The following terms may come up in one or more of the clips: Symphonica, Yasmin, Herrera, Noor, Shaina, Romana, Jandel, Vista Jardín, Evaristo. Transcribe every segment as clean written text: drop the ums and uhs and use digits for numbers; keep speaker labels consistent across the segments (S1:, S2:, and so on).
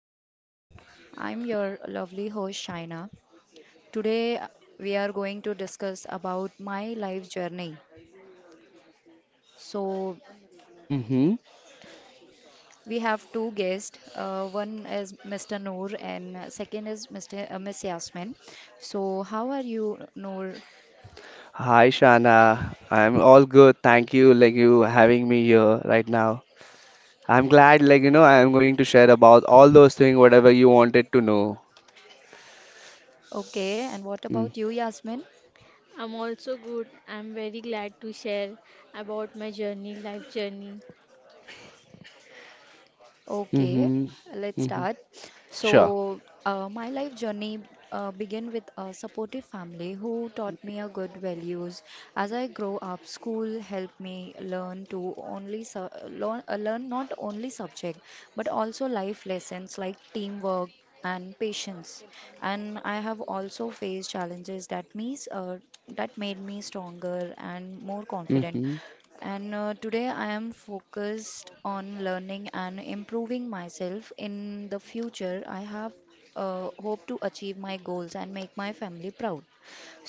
S1: everyone. I'm your lovely host Shaina. Today we are going to discuss about my life journey. So
S2: Mm-hmm.
S1: we have two guests. One is Mr. Noor and second is Mr. Uh, Miss Yasmin. So how are you, Noor?
S2: Hi, Shana. I'm all good. Thank you, like you having me here right now. I'm glad, like I'm going to share about all those things, whatever you wanted to know.
S1: Okay, and what
S2: Mm-hmm.
S1: about you, Yasmin?
S3: I'm also good. I'm very glad to share about my journey, life journey.
S1: Okay, let's
S2: Mm-hmm.
S1: start.
S2: Sure.
S1: So, my life journey began with a supportive family who taught me a good values. As I grow up, school helped me learn to learn, learn not only subject but also life lessons like teamwork and patience. And I have also faced challenges that means that made me stronger and more confident.
S2: Mm-hmm.
S1: And today I am focused on learning and improving myself. In the future, I have hope to achieve my goals and make my family proud.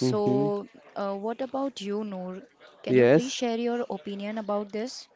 S2: Mm-hmm.
S1: what about you, Noor? Can you please
S2: Yes.
S1: share your opinion about this?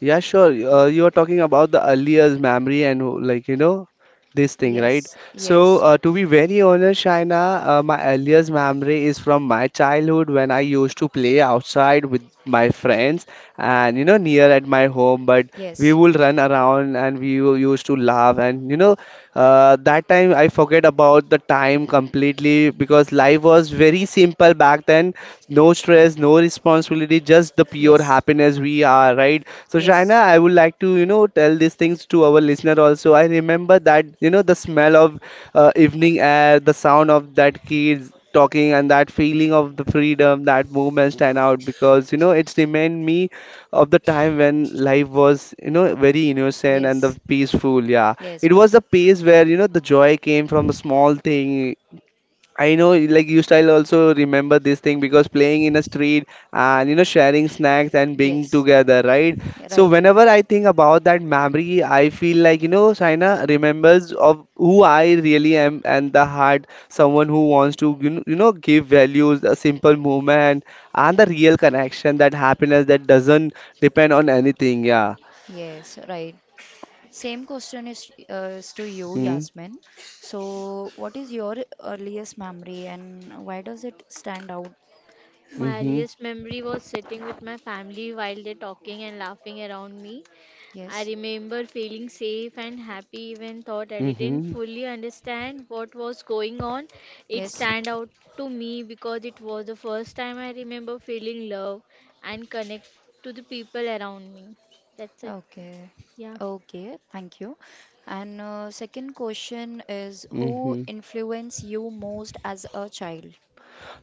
S2: Yeah, sure. You are talking about the earliest memory and like this thing, right?
S1: Yes,
S2: So
S1: yes,
S2: to be very honest, Shaina, my earliest memory is from my childhood when I used to play outside with my friends and near at my home. But we
S1: yes,
S2: would run around and used to laugh and that time I forget about the time completely because life was very simple back then. No stress, no responsibility, just the pure
S1: yes,
S2: happiness we are, right? So, Shaina,
S1: yes,
S2: I would like to, tell these things to our listener also. I remember that, the smell of evening air, the sound of that kids talking and that feeling of the freedom that movement stand out because it's remained me of the time when life was, very innocent and the
S1: yes,
S2: peaceful. Yeah,
S1: yes,
S2: it was
S1: right.
S2: the pace where, the joy came from the small thing I know, like you style also remember this thing because playing in a street and sharing snacks and being
S1: Yes,
S2: together, right? So
S1: right.
S2: whenever I think about that memory, I feel like China remembers of who I really am and the heart, someone who wants to give values, a simple movement, and the real connection, that happiness that doesn't depend on anything. Yeah.
S1: Yes, right. Same question is to you,
S2: Hmm.
S1: Yasmin. So, what is your earliest memory and why does it stand out?
S3: My
S2: Mm-hmm.
S3: earliest memory was sitting with my family while they talking and laughing around me. I
S1: Yes,
S3: remember feeling safe and happy even thought I didn't
S2: Mm-hmm.
S3: fully understand what was going on. It
S1: yes.
S3: stand out to me because it was the first time I remember feeling love and connect to the people around me. That's it.
S1: Okay,
S3: Yeah.
S1: okay, thank you. And second question is who
S2: Mm-hmm.
S1: influenced you most as a child?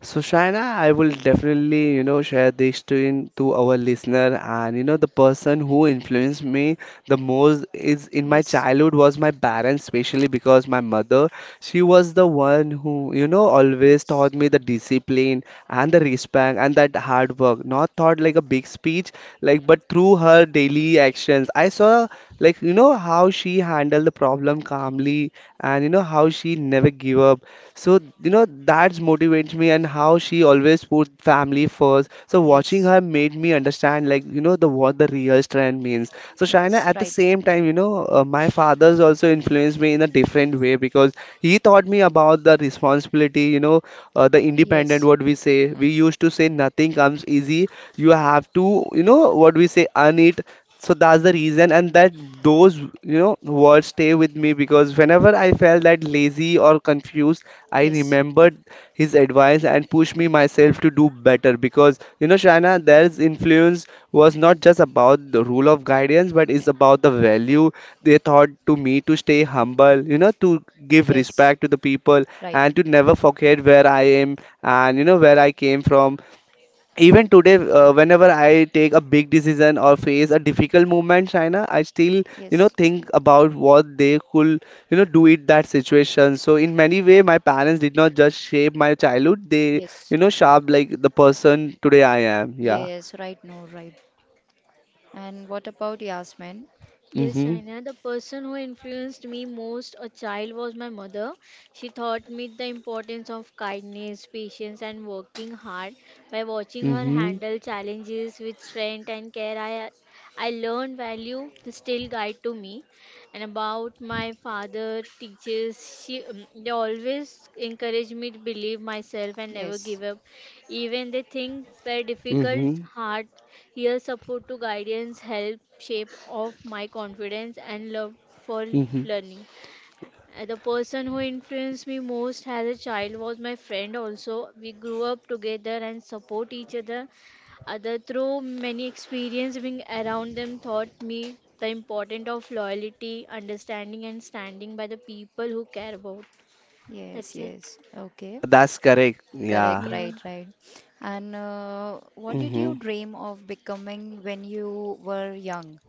S2: So Shaina, I will definitely, share this to our listener. And the person who influenced me the most is in my
S1: Yes,
S2: childhood was my parents, especially because my mother, she was the one who, always taught
S1: yes,
S2: me the discipline and the respect and that hard work. Not taught like a big speech, like but through her daily actions. I saw like how she handled the problem calmly and how she never give up. So that motivates me and how she always put family first. So watching her
S1: yes,
S2: have made me understand like the what the real strength means. So Shaina,
S1: yes,
S2: at the
S1: right.
S2: same time, my father's also influenced me in a different way because he taught me about the responsibility. The independent.
S1: Yes,
S2: We used to say nothing comes easy. You have to, earn it so that's the reason, and that those, words stay with me because whenever I felt that lazy or confused, I
S1: yes,
S2: remembered his advice and pushed me myself to do better. Because, Shana, there's influence was not just about the rule of guidance, but it's about the value they taught to me to stay humble, to give
S1: yes,
S2: respect to the people
S1: right.
S2: and to never forget where I am and, where I came from. Even today, whenever I take a big decision or face a difficult moment, China, I still,
S1: Yes,
S2: think about what they could, do in that situation. So in many way, my parents did not just shape my childhood; they,
S1: yes,
S2: you know, shaped like the person today I am. Yeah.
S1: yes, right, no, right. And what about Yasmin?
S3: Yes,
S2: Mhm.
S3: Shaina, the person who influenced me most a child was my mother. She taught me the importance of kindness, patience, and working hard. By watching her
S2: Mhm.
S3: handle challenges with strength and care, I learned value to still guide to me. And about my father, teachers, she, they always encouraged me to believe myself and never
S1: Yes,
S3: give up. Even they think were difficult,
S2: Mhm.
S3: hard. Here, support to guidance help shape of my confidence and love for
S2: Mhm.
S3: learning. The person who influenced me most as a child was my friend. Also, we grew up together and support each other. Other through many experience being around them taught me the importance of loyalty, understanding, and standing by the people who care about.
S1: yes,
S3: That's it.
S1: yes. Okay,
S2: Yeah, that's correct.
S1: correct,
S2: Yeah.
S3: Yeah.
S1: right, right. And what did
S2: Mhm.
S1: you dream of becoming when you were young?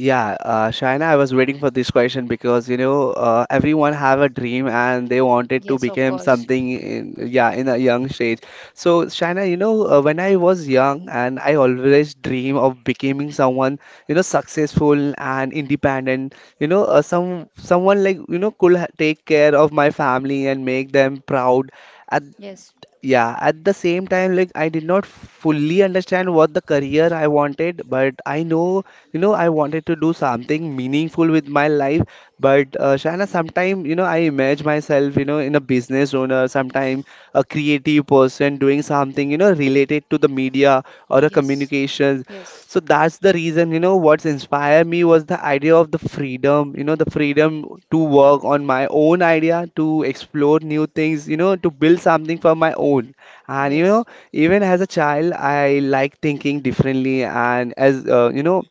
S2: Yeah, Shaina, I was waiting for this question because everyone have a dream and they wanted to
S1: Yes, of
S2: become
S1: course.
S2: something in a young stage. So Shaina, when I was young and I always dream of becoming someone successful and independent. Someone like could take care of my family and make them proud,
S1: Yes,
S2: yeah. At the same time, like, I did not fully understand what the career I wanted, but I know, I wanted to do something meaningful with my life. But Shana, sometime I imagine myself, you know, in a business owner, sometime a creative person doing something, you know, related to the media or a
S1: yes,
S2: communications.
S1: yes,
S2: So that's the reason, what's inspired me was the idea of the freedom, the freedom to work on my own idea, to explore new things, to build something for my own. And
S1: yes,
S2: even as a child, I like thinking differently. And as uh, you know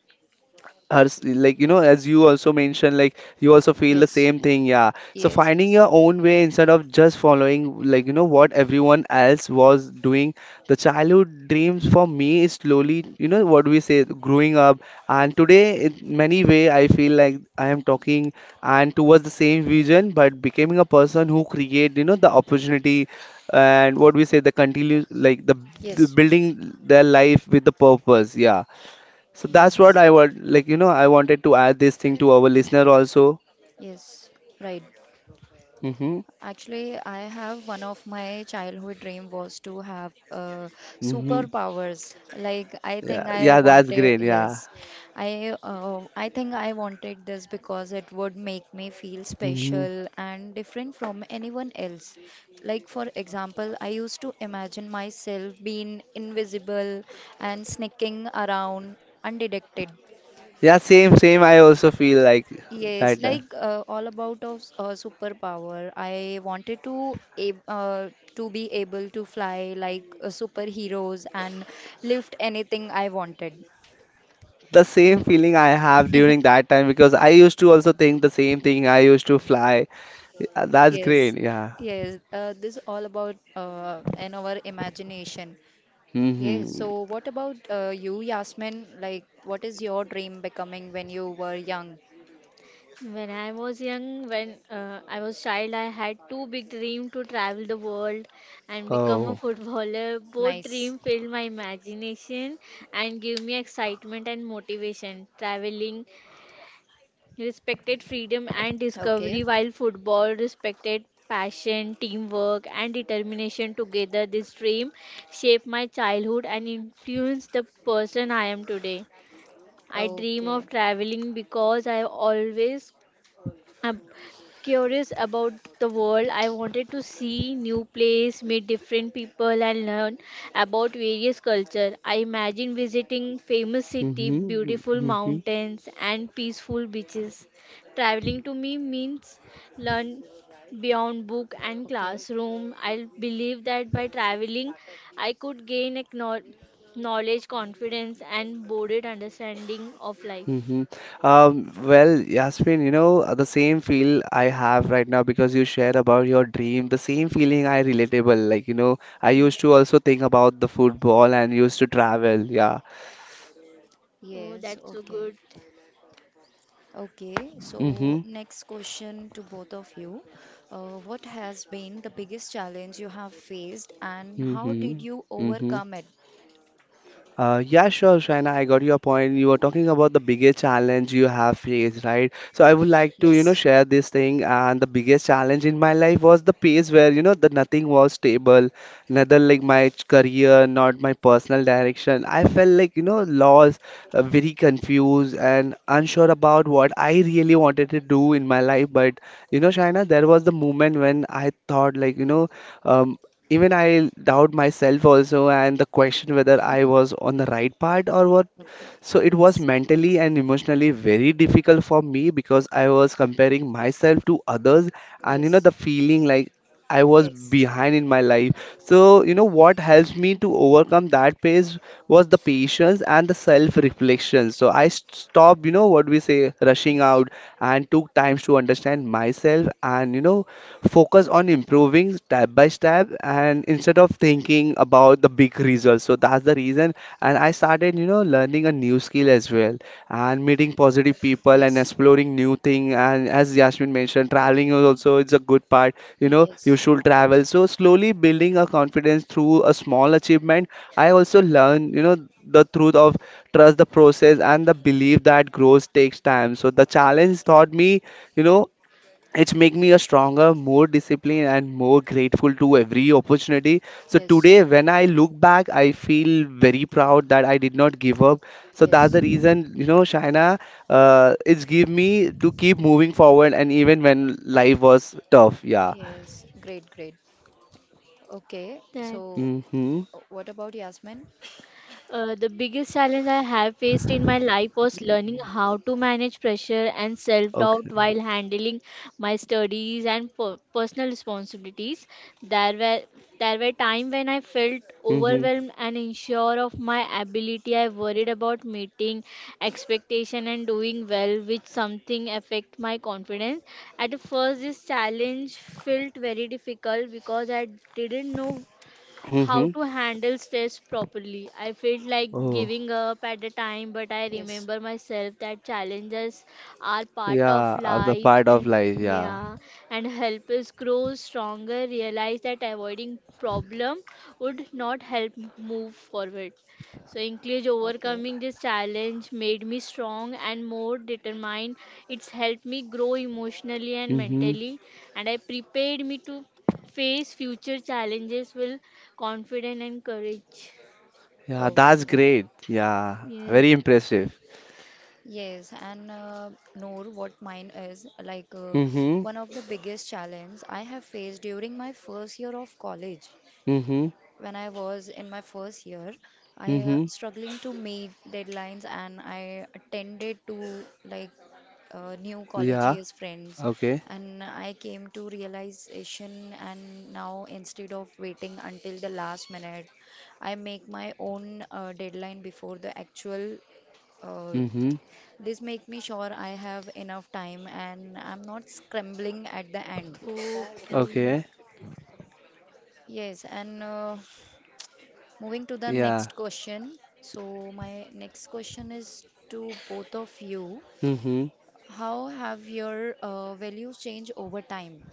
S2: her s- like as you also mentioned, like, you also feel the
S1: yes,
S2: same thing, yeah. So
S1: yes,
S2: finding your own way instead of just following, like, what everyone else was doing. The childhood dreams for me is slowly, you know what we say growing up, and today in many way I feel like I am talking and towards the same vision, but becoming a person who create, the opportunity, and what we say the continue like the
S1: yes, yes,
S2: building their life with the purpose, yeah. So that's what
S1: yes,
S2: I want, like, I wanted to add this thing to our listener also.
S1: yes, right.
S2: Mm-hmm.
S1: Actually, I have one of my childhood dream was to have
S2: Mm-hmm.
S1: superpowers. Like I think
S2: Yeah,
S1: I
S2: yeah, that's
S1: wanted,
S2: great. Yeah.
S1: yes, I think I wanted this because it would make me feel
S2: Mm-hmm.
S1: special and different from anyone else. Like for example, I used to imagine myself being invisible and sneaking around undetected.
S2: Yeah, same, same. I also feel like
S1: Yes,
S2: that.
S1: like all about of superpower. I wanted to be able to fly like superheroes and lift anything I wanted.
S2: The same feeling I have during that time because I used to also think the same thing. I used to fly. Yeah, that's
S1: Yes,
S2: great. Yeah.
S1: yes. This all about and our imagination. Yes.
S2: Mm-hmm.
S1: So, what about you, Yasmin? Like, what is your dream becoming when you were young?
S3: When I was young, when I was child, I had two big dreams to travel the world and become a
S2: Oh.
S3: footballer. Both
S1: Nice.
S3: dreams filled my imagination and gave me excitement and motivation. Traveling respected freedom and
S1: Okay.
S3: discovery, while football respected passion, teamwork, and determination. Together, this dream shaped my childhood and influenced the person I am today. I dream of
S1: Okay.
S3: traveling because I have always I'm curious about the world. I wanted to see new place, meet different people and learn about various culture. I imagine visiting famous city,
S2: Mm-hmm.
S3: beautiful
S2: Mm-hmm.
S3: mountains and peaceful beaches. Traveling to me means learn beyond book and
S1: Okay.
S3: classroom. I believe that by traveling I could gain a knowledge, confidence and broader understanding of life.
S2: Hmm. Well, Yasmin, the same feel I have right now because you shared about your dream, the same feeling I relatable. Like, I
S3: Yeah.
S2: used to also think about the football and used to travel. Yeah.
S3: Oh,
S1: Yes.
S3: that's so
S1: Okay.
S3: good.
S1: Okay, so
S2: Mm-hmm.
S1: next question to both of you. What has been the biggest challenge you have faced and how
S2: Mm-hmm.
S1: did you
S2: Mm-hmm.
S1: overcome it?
S2: Yeah, sure, Shaina. I got your point. You were talking about the biggest challenge you have faced, right? So I would like to,
S1: Yes.
S2: share this thing. And the biggest challenge in my life was the phase where, the nothing was stable, neither like my career, not my personal direction. I felt like, lost, very confused, and unsure about what I really wanted to do in my life. But Shaina, there was the moment when I thought, like, um, even I doubt myself also, and the question whether I was on the right part or what.
S1: Okay.
S2: So it was
S1: Yes.
S2: mentally and emotionally very difficult for me because I was comparing myself to others, and
S1: Yes.
S2: the feeling like I was
S1: Yes.
S2: behind in my life. So, what helps me to overcome that phase was the patience and the self-reflection. So stopped, rushing
S1: Yes.
S2: out and took times to understand myself and, focus on improving step by step and instead of thinking about the big results. So that's the reason. And I started, learning a new skill as well and meeting positive people and
S1: Yes.
S2: exploring new thing. And as Yasmin mentioned, traveling is also it's a good part. You know, you
S1: Yes.
S2: should
S1: Of
S2: travel.
S1: course.
S2: So slowly building a confidence through a small achievement. I also learned, the truth of trust the process and the belief that growth takes time. So the challenge taught me, you know, it's make me a stronger more disciplined and more grateful to every opportunity. So
S1: Yes.
S2: today when I look back, I feel very proud that I did not give up. So that's the
S1: Yes.
S2: reason, Shaina, it's give me to keep moving forward and even when life was tough, yeah.
S1: Yes. Great, great. Okay. So
S3: That's
S2: Mm-hmm.
S1: uh, what about Yasmin?
S3: the biggest challenge I have faced in my life was learning how to manage pressure and self
S2: Okay.
S3: doubt while handling my studies and personal responsibilities. There were there were times when I felt
S2: Mm-hmm.
S3: overwhelmed and unsure of my ability. I worried about meeting expectation and doing well, which something affect my confidence. At first, this challenge felt very difficult because I didn't know how
S2: Mm-hmm.
S3: to handle stress properly. I felt like
S2: Oh,
S3: giving up at the time, but I
S1: Yes.
S3: remember myself that challenges are part of
S2: yeah, of the
S3: life
S2: part of
S3: and
S2: life, yeah.
S3: yeah, and help us grow stronger, realize that avoiding problem would not help move forward. So in case
S1: Okay.
S3: overcoming this challenge made me strong and more determined. It's helped me grow emotionally and
S2: Mm-hmm.
S3: mentally and I prepared me to face future challenges with confidence and courage.
S2: Yeah, that's
S1: Okay.
S2: great, yeah,
S3: Yes,
S2: very impressive.
S1: Yes, and Noor, what mine is like
S2: Mm-hmm.
S1: one of the biggest challenge I have faced during my first year of college.
S2: Mm-hmm.
S1: When I was in my first year, I
S2: Mm-hmm.
S1: struggling to meet deadlines, and I attended to like new college
S2: Yeah.
S1: years friends,
S2: Okay.
S1: and I came to realization. And now instead of waiting until the last minute, I make my own deadline before the actual. Uh,
S2: Mm-hmm.
S1: this make me sure I have enough time and I'm not scrambling at the end.
S3: okay.
S2: Okay.
S1: Yes, and moving to the
S2: Yeah.
S1: next question. So my next question is to both of you.
S2: Mm-hmm.
S1: How have your values changed over time?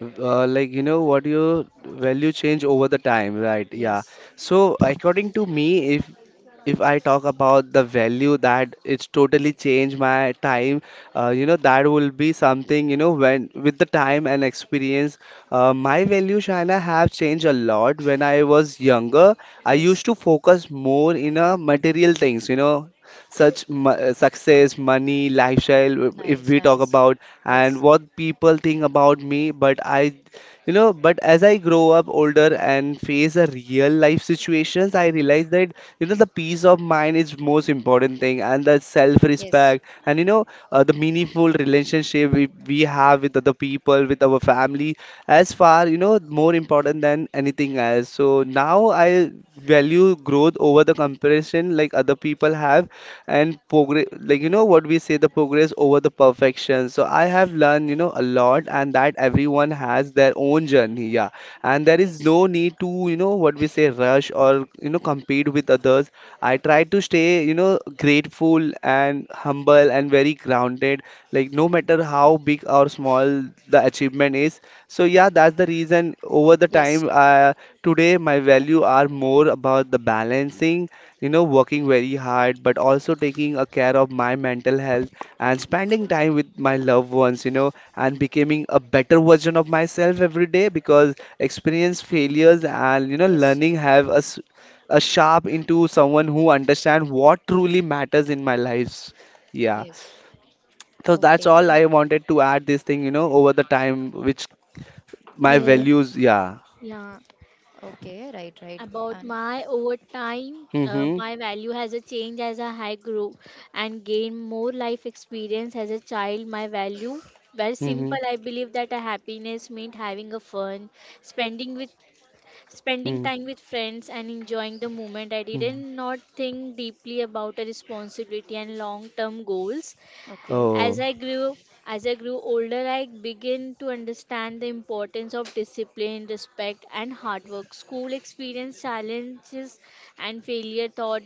S2: Like, you know what your value change over the time, right? Yeah.
S1: Yes,
S2: So according to me, if I talk about the value that it's totally changed my time, you know that will be something when with the time and experience, my value China have changed a lot. When I was younger, I used
S1: yes,
S2: to focus more in a material things, such success, money, lifestyle, if
S1: nice,
S2: we talk
S1: nice.
S2: about, and
S1: Yes,
S2: what people think about me. But as I grow up older and face a real life situations, I realize that, the peace of mind is most important thing and the
S1: yes,
S2: self-respect and, the meaningful relationship we have with other people, with our family, as far, more important than anything else. So now I value growth over the comparison. Like other people have and progress, like, you know what we say, the progress over the perfection. So I have learned, you know, a lot, and that everyone has their own journey. Yeah. And there is
S1: yes,
S2: no need to, you know what we say, rush or, you know, compete with others. I try to stay, you know, grateful and humble and very grounded, like no matter how big or small the achievement is. So yeah, that's the reason. Over the
S1: yes,
S2: time, today, my value are more about the balancing, you know, working very hard, but also taking a care of my mental health and spending time with my loved ones, you know, and becoming a better version of myself every day, because experience failures and, you know,
S1: yes,
S2: learning have us a sharp into someone who understand what truly matters in my lives. Yeah.
S1: yes.
S2: So that's
S1: Okay,
S2: all I wanted to add, this thing, you know, over the time, which my
S3: Yes,
S2: values, yeah.
S3: yeah.
S1: okay, right, right,
S3: About
S1: and
S3: my over time,
S2: Mm-hmm.
S3: my value has a change as a high grew and gain more life experience as a child. My value, very
S2: Mm-hmm.
S3: simple. I believe that a happiness meant having a fun, spending with spending
S2: Mm-hmm.
S3: time with friends and enjoying the moment. I didn't not think deeply about a responsibility and long term goals.
S1: okay.
S3: As
S2: Oh,
S3: I grew as I grew older, I began to understand the importance of discipline, respect, and hard work. School experience, challenges, and failure taught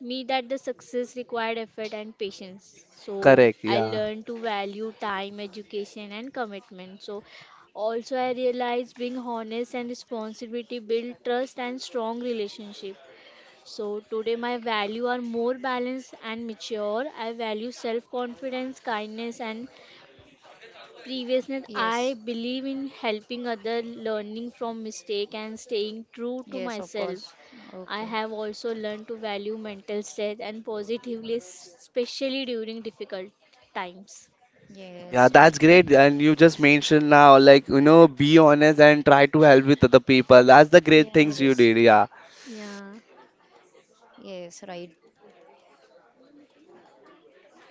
S3: me that the success required effort and patience. So
S2: correct.
S3: I
S2: Yeah.
S3: learned to value time, education, and commitment. So also I realized being honest and responsibility build trust and strong relationship. So today my value are more balanced and mature. I value self-confidence, kindness and previousness.
S1: Yes,
S3: I believe in helping other, learning from mistake and staying true to
S1: yes, of
S3: myself.
S1: course.
S3: I
S1: Okay.
S3: have also learned to value mental strength and positively, especially during difficult times.
S2: Yeah,
S1: Yes,
S2: that's
S1: okay.
S2: great. And you just
S1: Yes,
S2: mentioned now, like, you know, be honest and try to help with other people. That's the great things
S3: Yes.
S2: you
S1: yes,
S2: did. Yeah.
S3: Yeah.
S1: yes, right.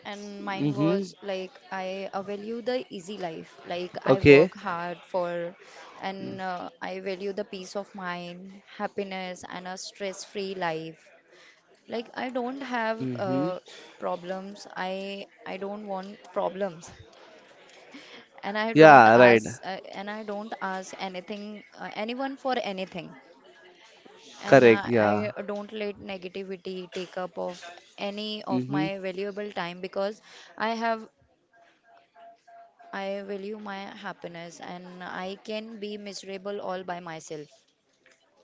S1: And mine
S2: Mm-hmm.
S1: was like I value the easy life. Like I
S2: Okay.
S1: work hard for, and I value the peace of mind, happiness, and a stress-free life. Like I don't have
S2: Mm-hmm.
S1: problems. I don't want problems, and I don't
S2: Yeah, right.
S1: ask anything anyone for anything. And
S2: Correct. Yeah.
S1: I don't let negativity take up of any of
S2: Mm-hmm.
S1: my valuable time because I have I value my happiness and I can be miserable all by myself.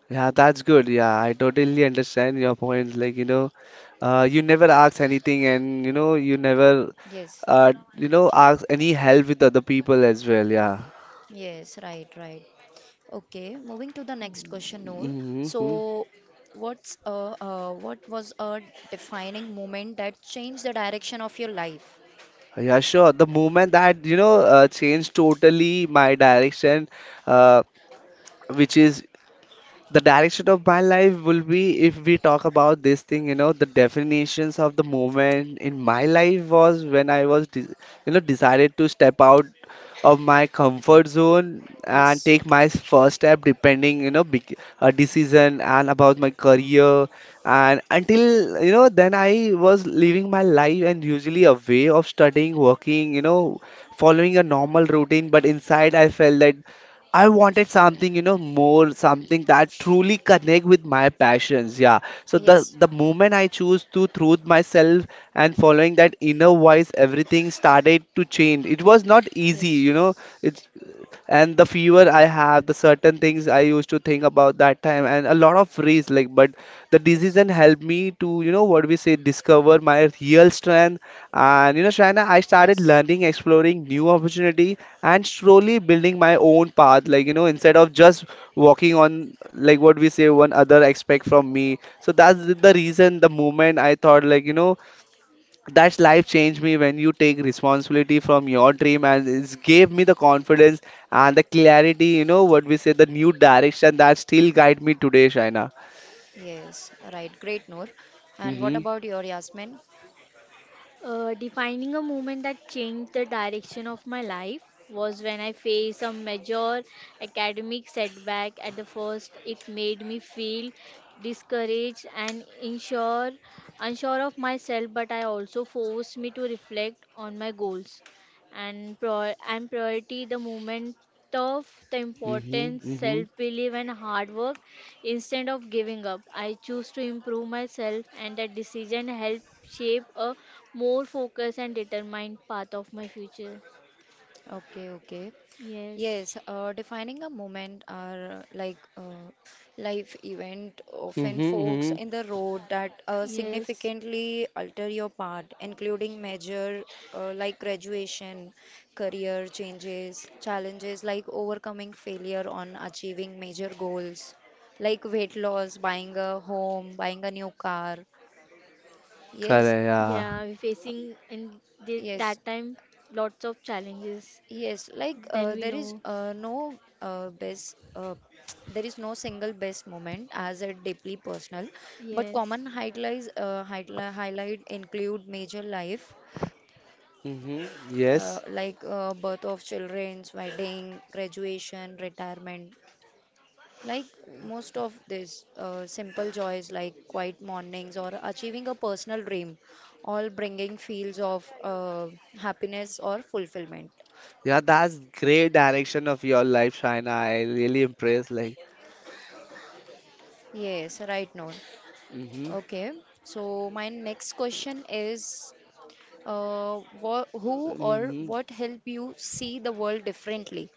S2: Yeah, that's good. Yeah, I totally understand your points. Like, you know, you never ask anything, and, you know, you never,
S1: Yes.
S2: you know, ask any help with other people as well. Yeah.
S1: Yes, right, right. Okay, moving to the next question, Noor.
S2: Mm-hmm.
S1: So, what was a defining moment that changed the direction of your life?
S2: Yeah, sure. The moment that, you know, changed totally my direction, uh, which is the direction of my life, will be if we talk about this thing, you know, the definitions of the moment in my life was when you know, decided to step out of my comfort zone and
S1: Yes,
S2: take my first step depending, you know, a decision and about my career. And until, you know, then I was living my life and usually a way of studying, working, you know, following a normal routine, but inside I felt that I wanted something, you know, more, something that truly connect with my passions. Yeah. So the
S1: yes,
S2: the moment I choose to truth myself and following that inner voice, everything started to change. It was not easy,
S1: yes,
S2: you know. It's and the fever I have, the certain things I used to think about that time, and a lot of days like, but the
S1: yes,
S2: decision helped me to, you know what we say, discover my real strength. And you know, Shaina, I started
S1: yes,
S2: learning, exploring new opportunity and slowly building my own path, like, you know, instead of just walking on like what we say one other expect from me. So that's the reason, the moment I thought like, you know, that's life changed me, when you take responsibility from your dream, and it gave me the confidence and the clarity, you know what we say, the new direction that still guide me today,
S1: yes, right. Great, Noor. And what
S2: Shaina.
S1: about your Yasmin?
S3: Defining a moment that changed the direction of my life was when I faced a major academic setback. At the first, it made me feel discouraged and unsure of myself. But I also forced me to reflect on my goals and priority. The moment of the
S2: Mhm.
S3: importance,
S2: Mhm.
S3: self belief, and hard work. Instead of giving up, I choose to improve myself, and that decision helped shape a more focused and determined path of my future.
S1: Okay, okay.
S3: Yes,
S1: Yes, defining a moment are life event, often
S2: Mhm.
S1: forks
S2: Mhm.
S1: in the road that
S3: yes,
S1: significantly alter your path, including major like graduation, career changes, challenges like overcoming failure on achieving major goals, like weight loss, buying a home, buying a new car. Yes,
S2: Correct, yeah.
S3: yeah, we facing in the,
S1: yes.
S3: that time lots of challenges.
S1: Yes, like
S3: Then we
S1: there is
S3: know,
S1: no best, there is no single best moment as a deeply personal, but
S3: yes.
S1: common highlights highlight include major life
S2: Mhm. Yes.
S1: like birth of children's, wedding, graduation, retirement. Like most of this, simple joys like quiet mornings or achieving a personal dream, all bringing feels of happiness or fulfillment.
S2: Yeah, that's great direction of your life, Shaina. I really impressed. Like,
S1: Yes, right, Noor.
S2: mhm.
S1: Okay, so my next question is what, who or
S2: Mhm.
S1: what help you see the world differently?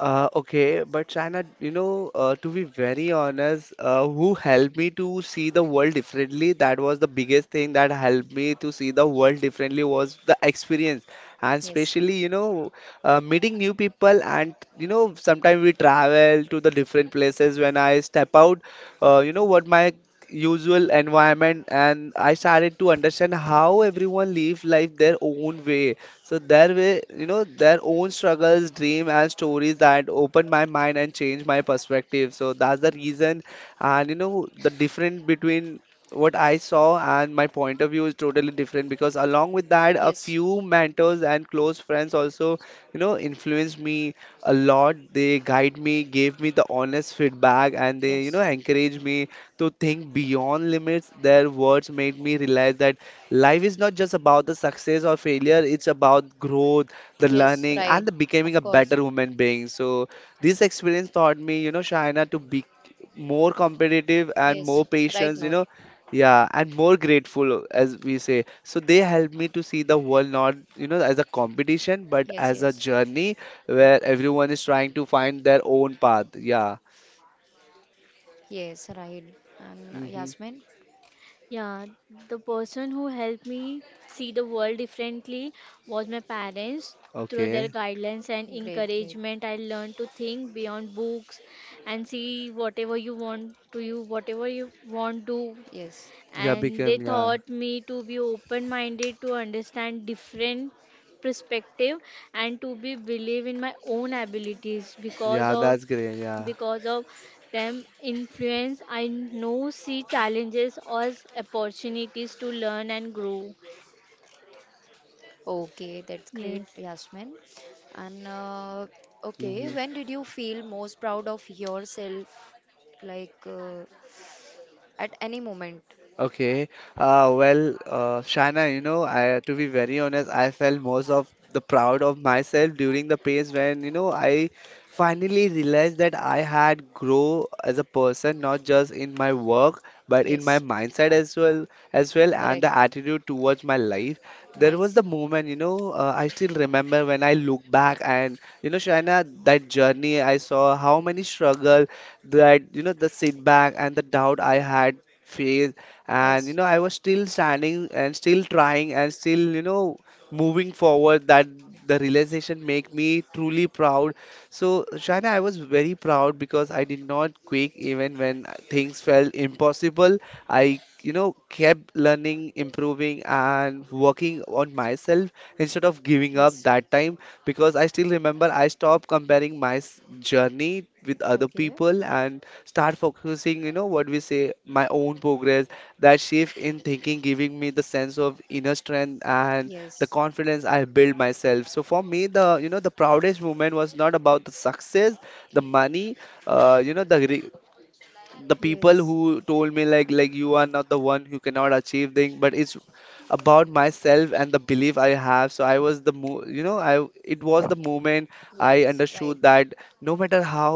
S2: Okay, but China, you know, to be very honest, who helped me to see the world differently? That was the biggest thing that helped me to see the world differently, was the experience, and
S1: Yes,
S2: especially, you know, meeting new people. And you know, sometimes we travel to the different places. When I step out, you know what, my usual environment, and I started to understand how everyone live life their own way. So their way, you know, their own struggles, dream and stories, that opened my mind and changed my perspective. So that's the reason. And you know, the difference between what I saw and my point of view is totally different, because along with that, a
S1: yes,
S2: few mentors and close friends also, you know, influenced me a lot. They guide me, gave me the honest feedback, and they, you know,
S1: yes,
S2: encourage me to think beyond limits. Their words made me realize that life is not just about the success or failure, it's about growth, the
S1: yes,
S2: learning,
S1: right,
S2: and the becoming
S1: of
S2: a better
S1: course.
S2: human being. So this experience taught me, you know, Shaina, to be more competitive and more
S1: Yes, right,
S2: patient, you
S1: Noor.
S2: know, yeah, and more grateful, as we say. So they helped me to see the world not, you know, as a competition, but
S1: Yes,
S2: as a
S1: yes,
S2: journey where everyone is trying to find their own path. Yeah.
S1: yes, right. And
S2: Mm-hmm.
S1: Yasmin,
S3: Yeah, the person who helped me see the world differently was my parents. Through their
S2: Okay.
S3: guidelines and
S1: great, great.
S3: encouragement, I learned to think beyond books and see whatever you want to you, whatever you want to
S1: Yes,
S2: Yeah,
S3: and they
S2: became, yeah.
S3: taught me to be open minded to understand different perspective and to be believe in my own abilities because
S2: Yeah,
S3: of
S2: that's great, yeah.
S3: because of them influence I know see challenges as opportunities to learn and grow.
S1: okay, that's great,
S3: Yes.
S1: Yasmin. And okay,
S2: Hmm.
S1: when did you feel most proud of yourself? Like at any moment?
S2: Okay. Shaina, you know, I to be very honest, I felt most of the proud of myself during the phase when, you know, I finally realized that I had grow as a person, not just in my work, but in my
S1: Yes.
S2: mindset as well, and
S1: Correct.
S2: the attitude towards my life. There was
S1: Nice.
S2: the moment, you know, I still remember, when I look back and, you know, Shaina, that journey, I saw how many struggle that, you know, the setback and the doubt I had faced, and you
S1: Yes.
S2: know, I was still standing and still trying and still, you know, moving forward. That the realization make me truly proud. So Shaina, I was very proud because I did not quit even when things felt impossible. I, you know, kept learning, improving, and working on myself instead of giving up
S1: Yes.
S2: that time. Because I still remember, I stopped comparing my journey with other
S1: Okay.
S2: people and start focusing, you know, what we say, my own progress. That shift in thinking giving me the sense of inner strength and the
S1: Yes.
S2: confidence I build myself. So for me, the, you know, the proudest moment was not about the success, the money, you know, the people
S1: Yes.
S2: who told me like you are not the one who cannot achieve thing, but it's about myself and the belief I have. So I was the mo you know, I it was the moment I
S1: Yes. Right.
S2: understood that no matter how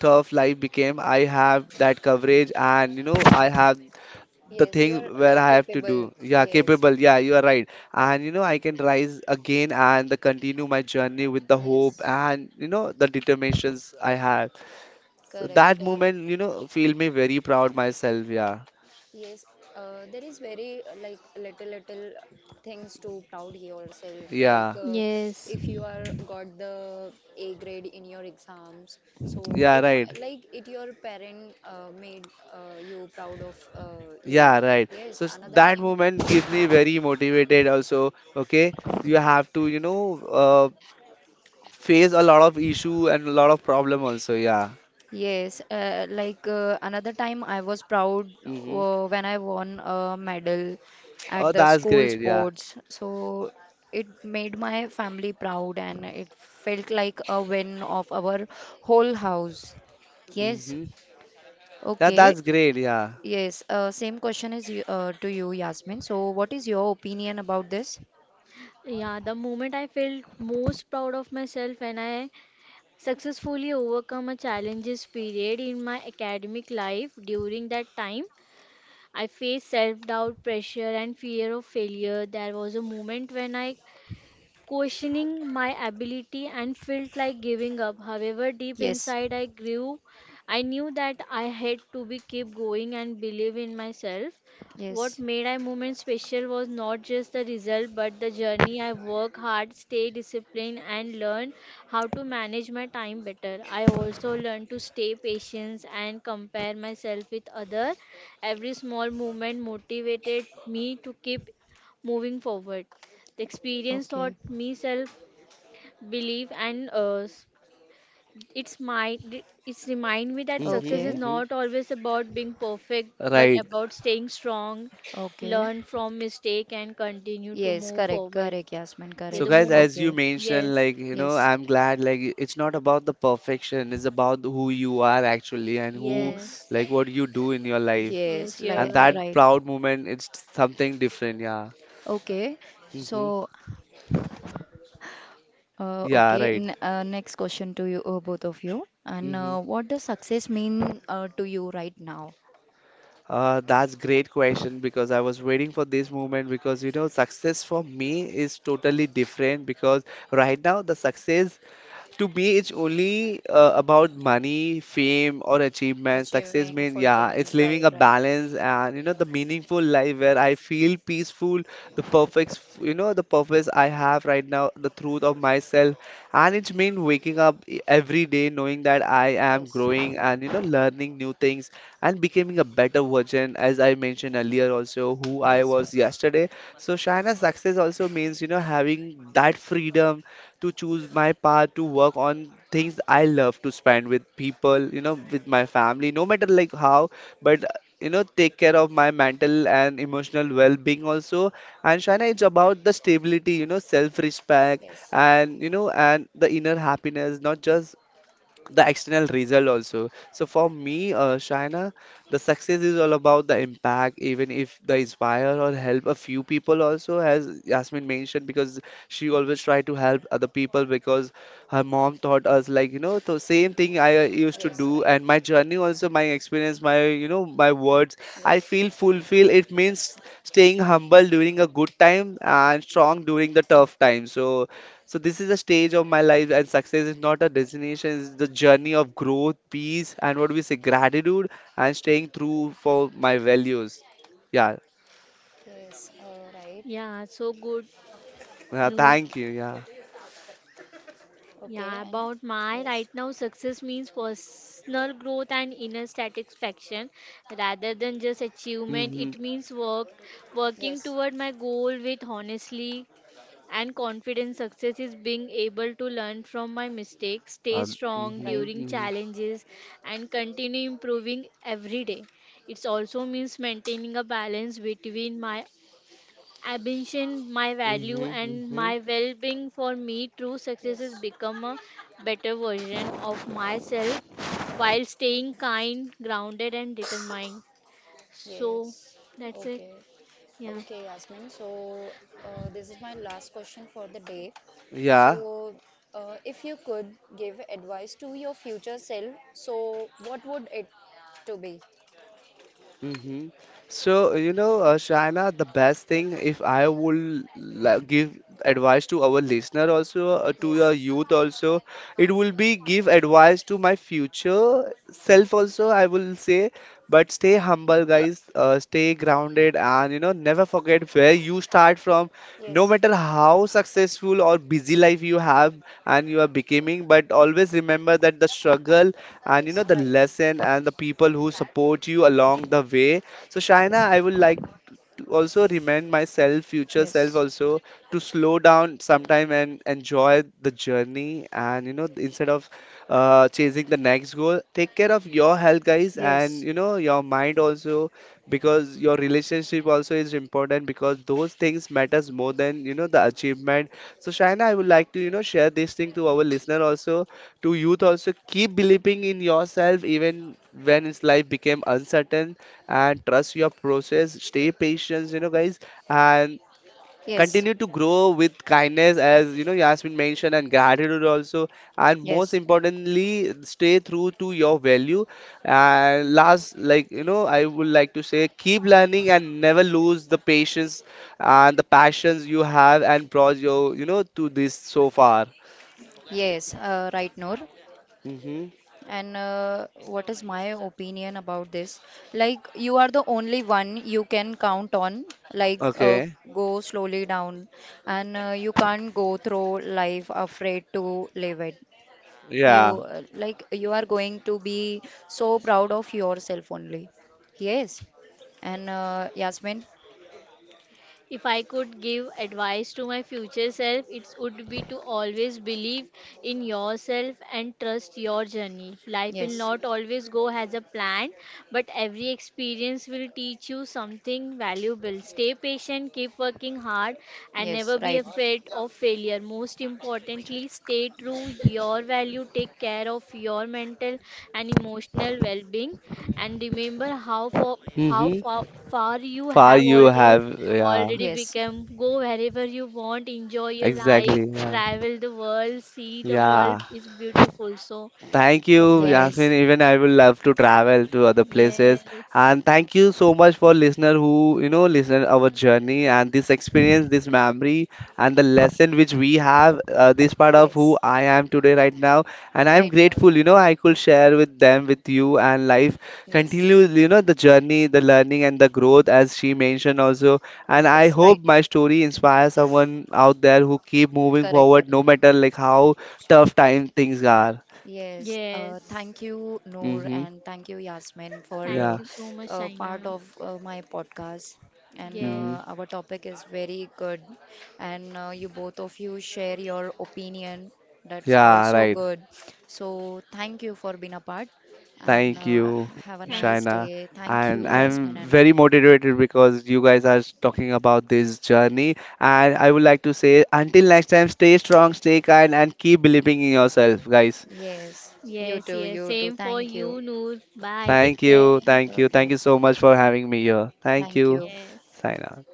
S2: tough life became, I have that coverage, and you know, I have the
S1: Yes.
S2: thing
S1: You are
S2: where
S1: like
S2: I have to
S1: capable.
S2: do. Yeah,
S1: Yes.
S2: capable, yeah, you are right. And you know, I can rise again and the continue my journey with the hope,
S1: Yes.
S2: and you know, the determinations I have. So
S1: Correct.
S2: that
S1: Correct.
S2: moment, you know, feel me very proud myself. Yeah,
S1: Yes. There is very like little little things to proud yourself. Like
S2: yeah,
S3: Yes.
S1: if you are got the A grade in your exams, so
S2: yeah,
S1: it
S2: right.
S1: like it your parent made you proud of you.
S2: Yeah, right.
S1: Yes,
S2: So
S1: another
S2: that
S1: time.
S2: moment gives me very motivated also. Okay, you have to, you know, uh, face a lot of issue and a lot of problem also. Yeah.
S1: Yes, another time I was proud
S2: Mm-hmm.
S1: when I won a medal at
S2: Oh,
S1: the
S2: that's
S1: school
S2: great. Yeah.
S1: sports. So it made my family proud and it felt like a win of our whole house. Yes,
S2: Mm-hmm. That
S1: okay.
S2: that's great. Yeah.
S1: Yes, same question is to you, Yasmin. So what is your opinion about this?
S3: Yeah, the moment I felt most proud of myself when I successfully overcome a challenges period in my academic life during that time I faced self doubt, pressure, and fear of failure. There was a moment when I questioning my ability and felt like giving up. However, deep
S1: Yes,
S3: inside I grew I knew that I had to be keep going and believe in myself. What
S1: yes.
S3: made I moment special was not just the result but the journey. I work hard, stay disciplined and learn how to manage my time better. I also learned to stay patient and compare myself with other. Every small movement motivated me to keep moving forward. The experience taught
S1: Okay,
S3: me self belief and it's my it's remind me that success
S2: Mm-hmm.
S3: is
S1: okay,
S2: Mm-hmm.
S3: not always about being perfect but
S2: Right.
S3: about staying strong,
S1: okay.
S3: learn from mistake and continue to
S1: Yes,
S3: move
S1: correct,
S3: forward.
S1: correct, Yasmin,
S3: Yeah,
S2: So
S3: the
S1: correct.
S2: guys,
S3: moment.
S2: as you
S1: Okay,
S2: mentioned,
S3: Yes,
S2: like, you know,
S1: yes.
S2: I'm glad, like it's not about the perfection, it's about who you are actually and who
S1: Yes,
S3: yes,
S2: like what you do in your life.
S1: yes,
S3: yes. You're
S1: like
S2: And that
S3: right.
S1: right.
S2: proud moment, it's something different, yeah.
S1: Okay,
S2: Mm-hmm.
S1: so uh,
S2: Yeah,
S1: okay.
S2: right.
S1: N Next question to you, both of you. And
S2: Mm-hmm.
S1: what does success mean to you right now?
S2: That's great question, because I was waiting for this moment, because you know, success for me is totally different. Because right now the success, to me, it's only about money, fame, or achievement. Success
S1: Achieving
S2: means, yeah, it's
S1: fulfillment,
S2: living
S1: right,
S2: a
S1: right.
S2: balance and, you know, the meaningful life where I feel peaceful, the perfect, you know, the purpose I have right now, the truth of myself. And it's mean waking up every day knowing that I am
S1: Yes, right.
S2: growing and, you know, learning new things and becoming a better version, as I mentioned earlier, also who I
S1: Yes,
S2: was
S1: yes,
S2: yesterday. So, China, success also means, you know, having that freedom to choose my path, to work on things I love, to spend with people, you know, with my family, no matter like how, but you know, take care of my mental and emotional well-being also. And Shana, it's about the stability, you know, self-respect,
S1: yes,
S2: and you know, and the inner happiness, not just the external result also. So for me, Shaina, the success is all about the impact, even if the inspire or help a few people also, as Yasmin mentioned, because she always tried to help other people, because her mom taught us like, you know, the same thing I used to
S1: yes,
S2: do.
S1: right.
S2: And my journey also, my experience, my, you know, my words, I
S1: Yes,
S2: feel fulfilled. It means staying humble during a good time and strong during the tough time. So so this is a stage of my life, and success is not a destination; it's the journey of growth, peace, and what we say, gratitude, and staying true for my values. Yeah,
S1: yes, right.
S3: Yeah, so good
S2: yeah.
S3: news.
S2: Thank you. Yeah.
S3: Yeah,
S1: Okay, and
S3: about my right
S1: yes,
S3: now, success means personal growth and inner satisfaction rather than just achievement.
S2: Mhm.
S3: It means work, working
S1: yes,
S3: toward my goal with honestly and confidence. Success is being able to learn from my mistakes, stay
S2: Uh,
S3: strong
S1: right.
S2: mhm.
S3: during
S2: Mhm.
S3: challenges, and continue improving every day. It also means maintaining a balance between my ambition, my value,
S2: Mhm.
S3: and
S2: Mhm.
S3: my well being for me, true success is
S1: Yes,
S3: become a better version of
S2: Yeah.
S3: myself while staying kind, grounded, and determined. So
S1: yes.
S3: that's it.
S1: Okay.
S3: Yeah.
S1: Okay, Yasmin. So, this is my last question for the day.
S2: Yeah.
S1: So, if you could give advice to your future self, so what would it to be?
S2: Mm-hmm. So, you know, Shaina, the best thing, if I would give advice to our listener also, to
S1: Yes.
S2: your youth also, it will be give advice to my future self also, I will say. But stay humble, guys. Stay grounded, and you know, never forget where you start from. No
S1: Yes.
S2: matter how successful or busy life you have and you are becoming, but always remember that the struggle and you
S1: Yes.
S2: know the
S1: Right.
S2: lesson and the people who support you along the way. So Shaina, I would like to also remind myself, future self
S1: Yes,
S2: also, to slow down sometime and enjoy the journey. And you know, instead of chasing the next goal, take care of your health, guys, and
S1: yes,
S2: you know, your mind also, because your relationship also is important, because those things matters more than, you know, the achievement. So, Shaina, I would like to, you know, share this thing to our listener also, to youth also, keep believing in yourself even when his life became uncertain and trust your process, stay patient, you know guys, and
S1: yes,
S2: continue to grow with kindness, as you know, Yasmin mentioned, and gratitude also, and most
S1: yes,
S2: importantly stay true to your value. And last, like, you know, I would like to say, keep learning and never lose the patience and the passions you have and brought your, you know, to this so far.
S1: yes, right, Noor.
S2: Mm-hmm.
S1: And what is my opinion about this, like you are the only one you can count on, like
S2: Okay,
S1: go slowly down, and you can't go through life afraid to live it. You
S2: yeah.
S1: Like you are going to be so proud of yourself only. Yes. And Yasmin,
S3: If I could give advice to my future self, it would be to always believe in yourself and trust your journey. Life will
S1: yes,
S3: not always go as a plan, but every experience will teach you something valuable. Stay patient, keep working hard, and
S1: yes,
S3: never be
S1: right,
S3: afraid of failure. Most importantly, stay true your value, take care of your mental and emotional well-being, and remember how far how
S2: Mm-hmm.
S3: far, far you
S2: Far
S3: have
S2: you
S3: already
S2: have, yeah,
S3: already
S1: yes,
S3: become. Go wherever you want, enjoy your life,
S2: exactly, yeah,
S3: travel the world, see the world
S2: yeah.
S3: is beautiful. So
S2: Thank
S3: that's
S2: you,
S3: it.
S2: Yasmin.
S1: yes,
S2: Even I will love to travel to other places.
S3: Yes.
S2: And thank you so much for listener who, you know, listen our journey and this experience, this memory, and the lesson which we have. This part of who
S1: yes,
S2: I am today, right now, and I am
S1: right, no,
S2: grateful. You know, I could share with them, with you, and life
S1: yes,
S2: continues. You know, the journey, the learning, and the growth, as she mentioned also. And I
S1: yes, right,
S2: hope my story inspires someone out there who keep moving
S1: correct,
S2: forward, no
S1: correct.
S2: matter like how tough time things are.
S1: Yes,
S3: Yes.
S1: thank you, Noor,
S2: Mm-hmm.
S1: and thank you, Yasmin, for
S3: Thank
S2: Yeah,
S3: you so much,
S1: part
S3: Shaina.
S1: of my podcast. And
S3: Yes.
S2: mm-hmm.
S1: our topic is very good, and you both of you share your opinion. That's
S2: Yeah,
S1: also
S2: right.
S1: good. So thank you for being a part, and
S2: Thank you,
S1: have a
S3: Thank
S1: nice
S2: Shaina.
S1: day. Thank
S2: And
S1: you,
S3: yeah.
S2: I'm
S1: Yasmin and Noor.
S2: very motivated because you guys are talking about this journey. And I would like to say, until next time, stay strong, stay kind, and keep believing in yourself, guys.
S1: Yes, you
S3: Yes,
S1: too,
S3: yes.
S1: you too.
S3: Same for
S1: Thank you.
S3: you, Noor. Bye. Take care.
S2: Thank
S1: Okay,
S2: you so much for having me here. Thank
S1: thank
S2: you,
S1: you.
S3: Yes.
S2: Shaina.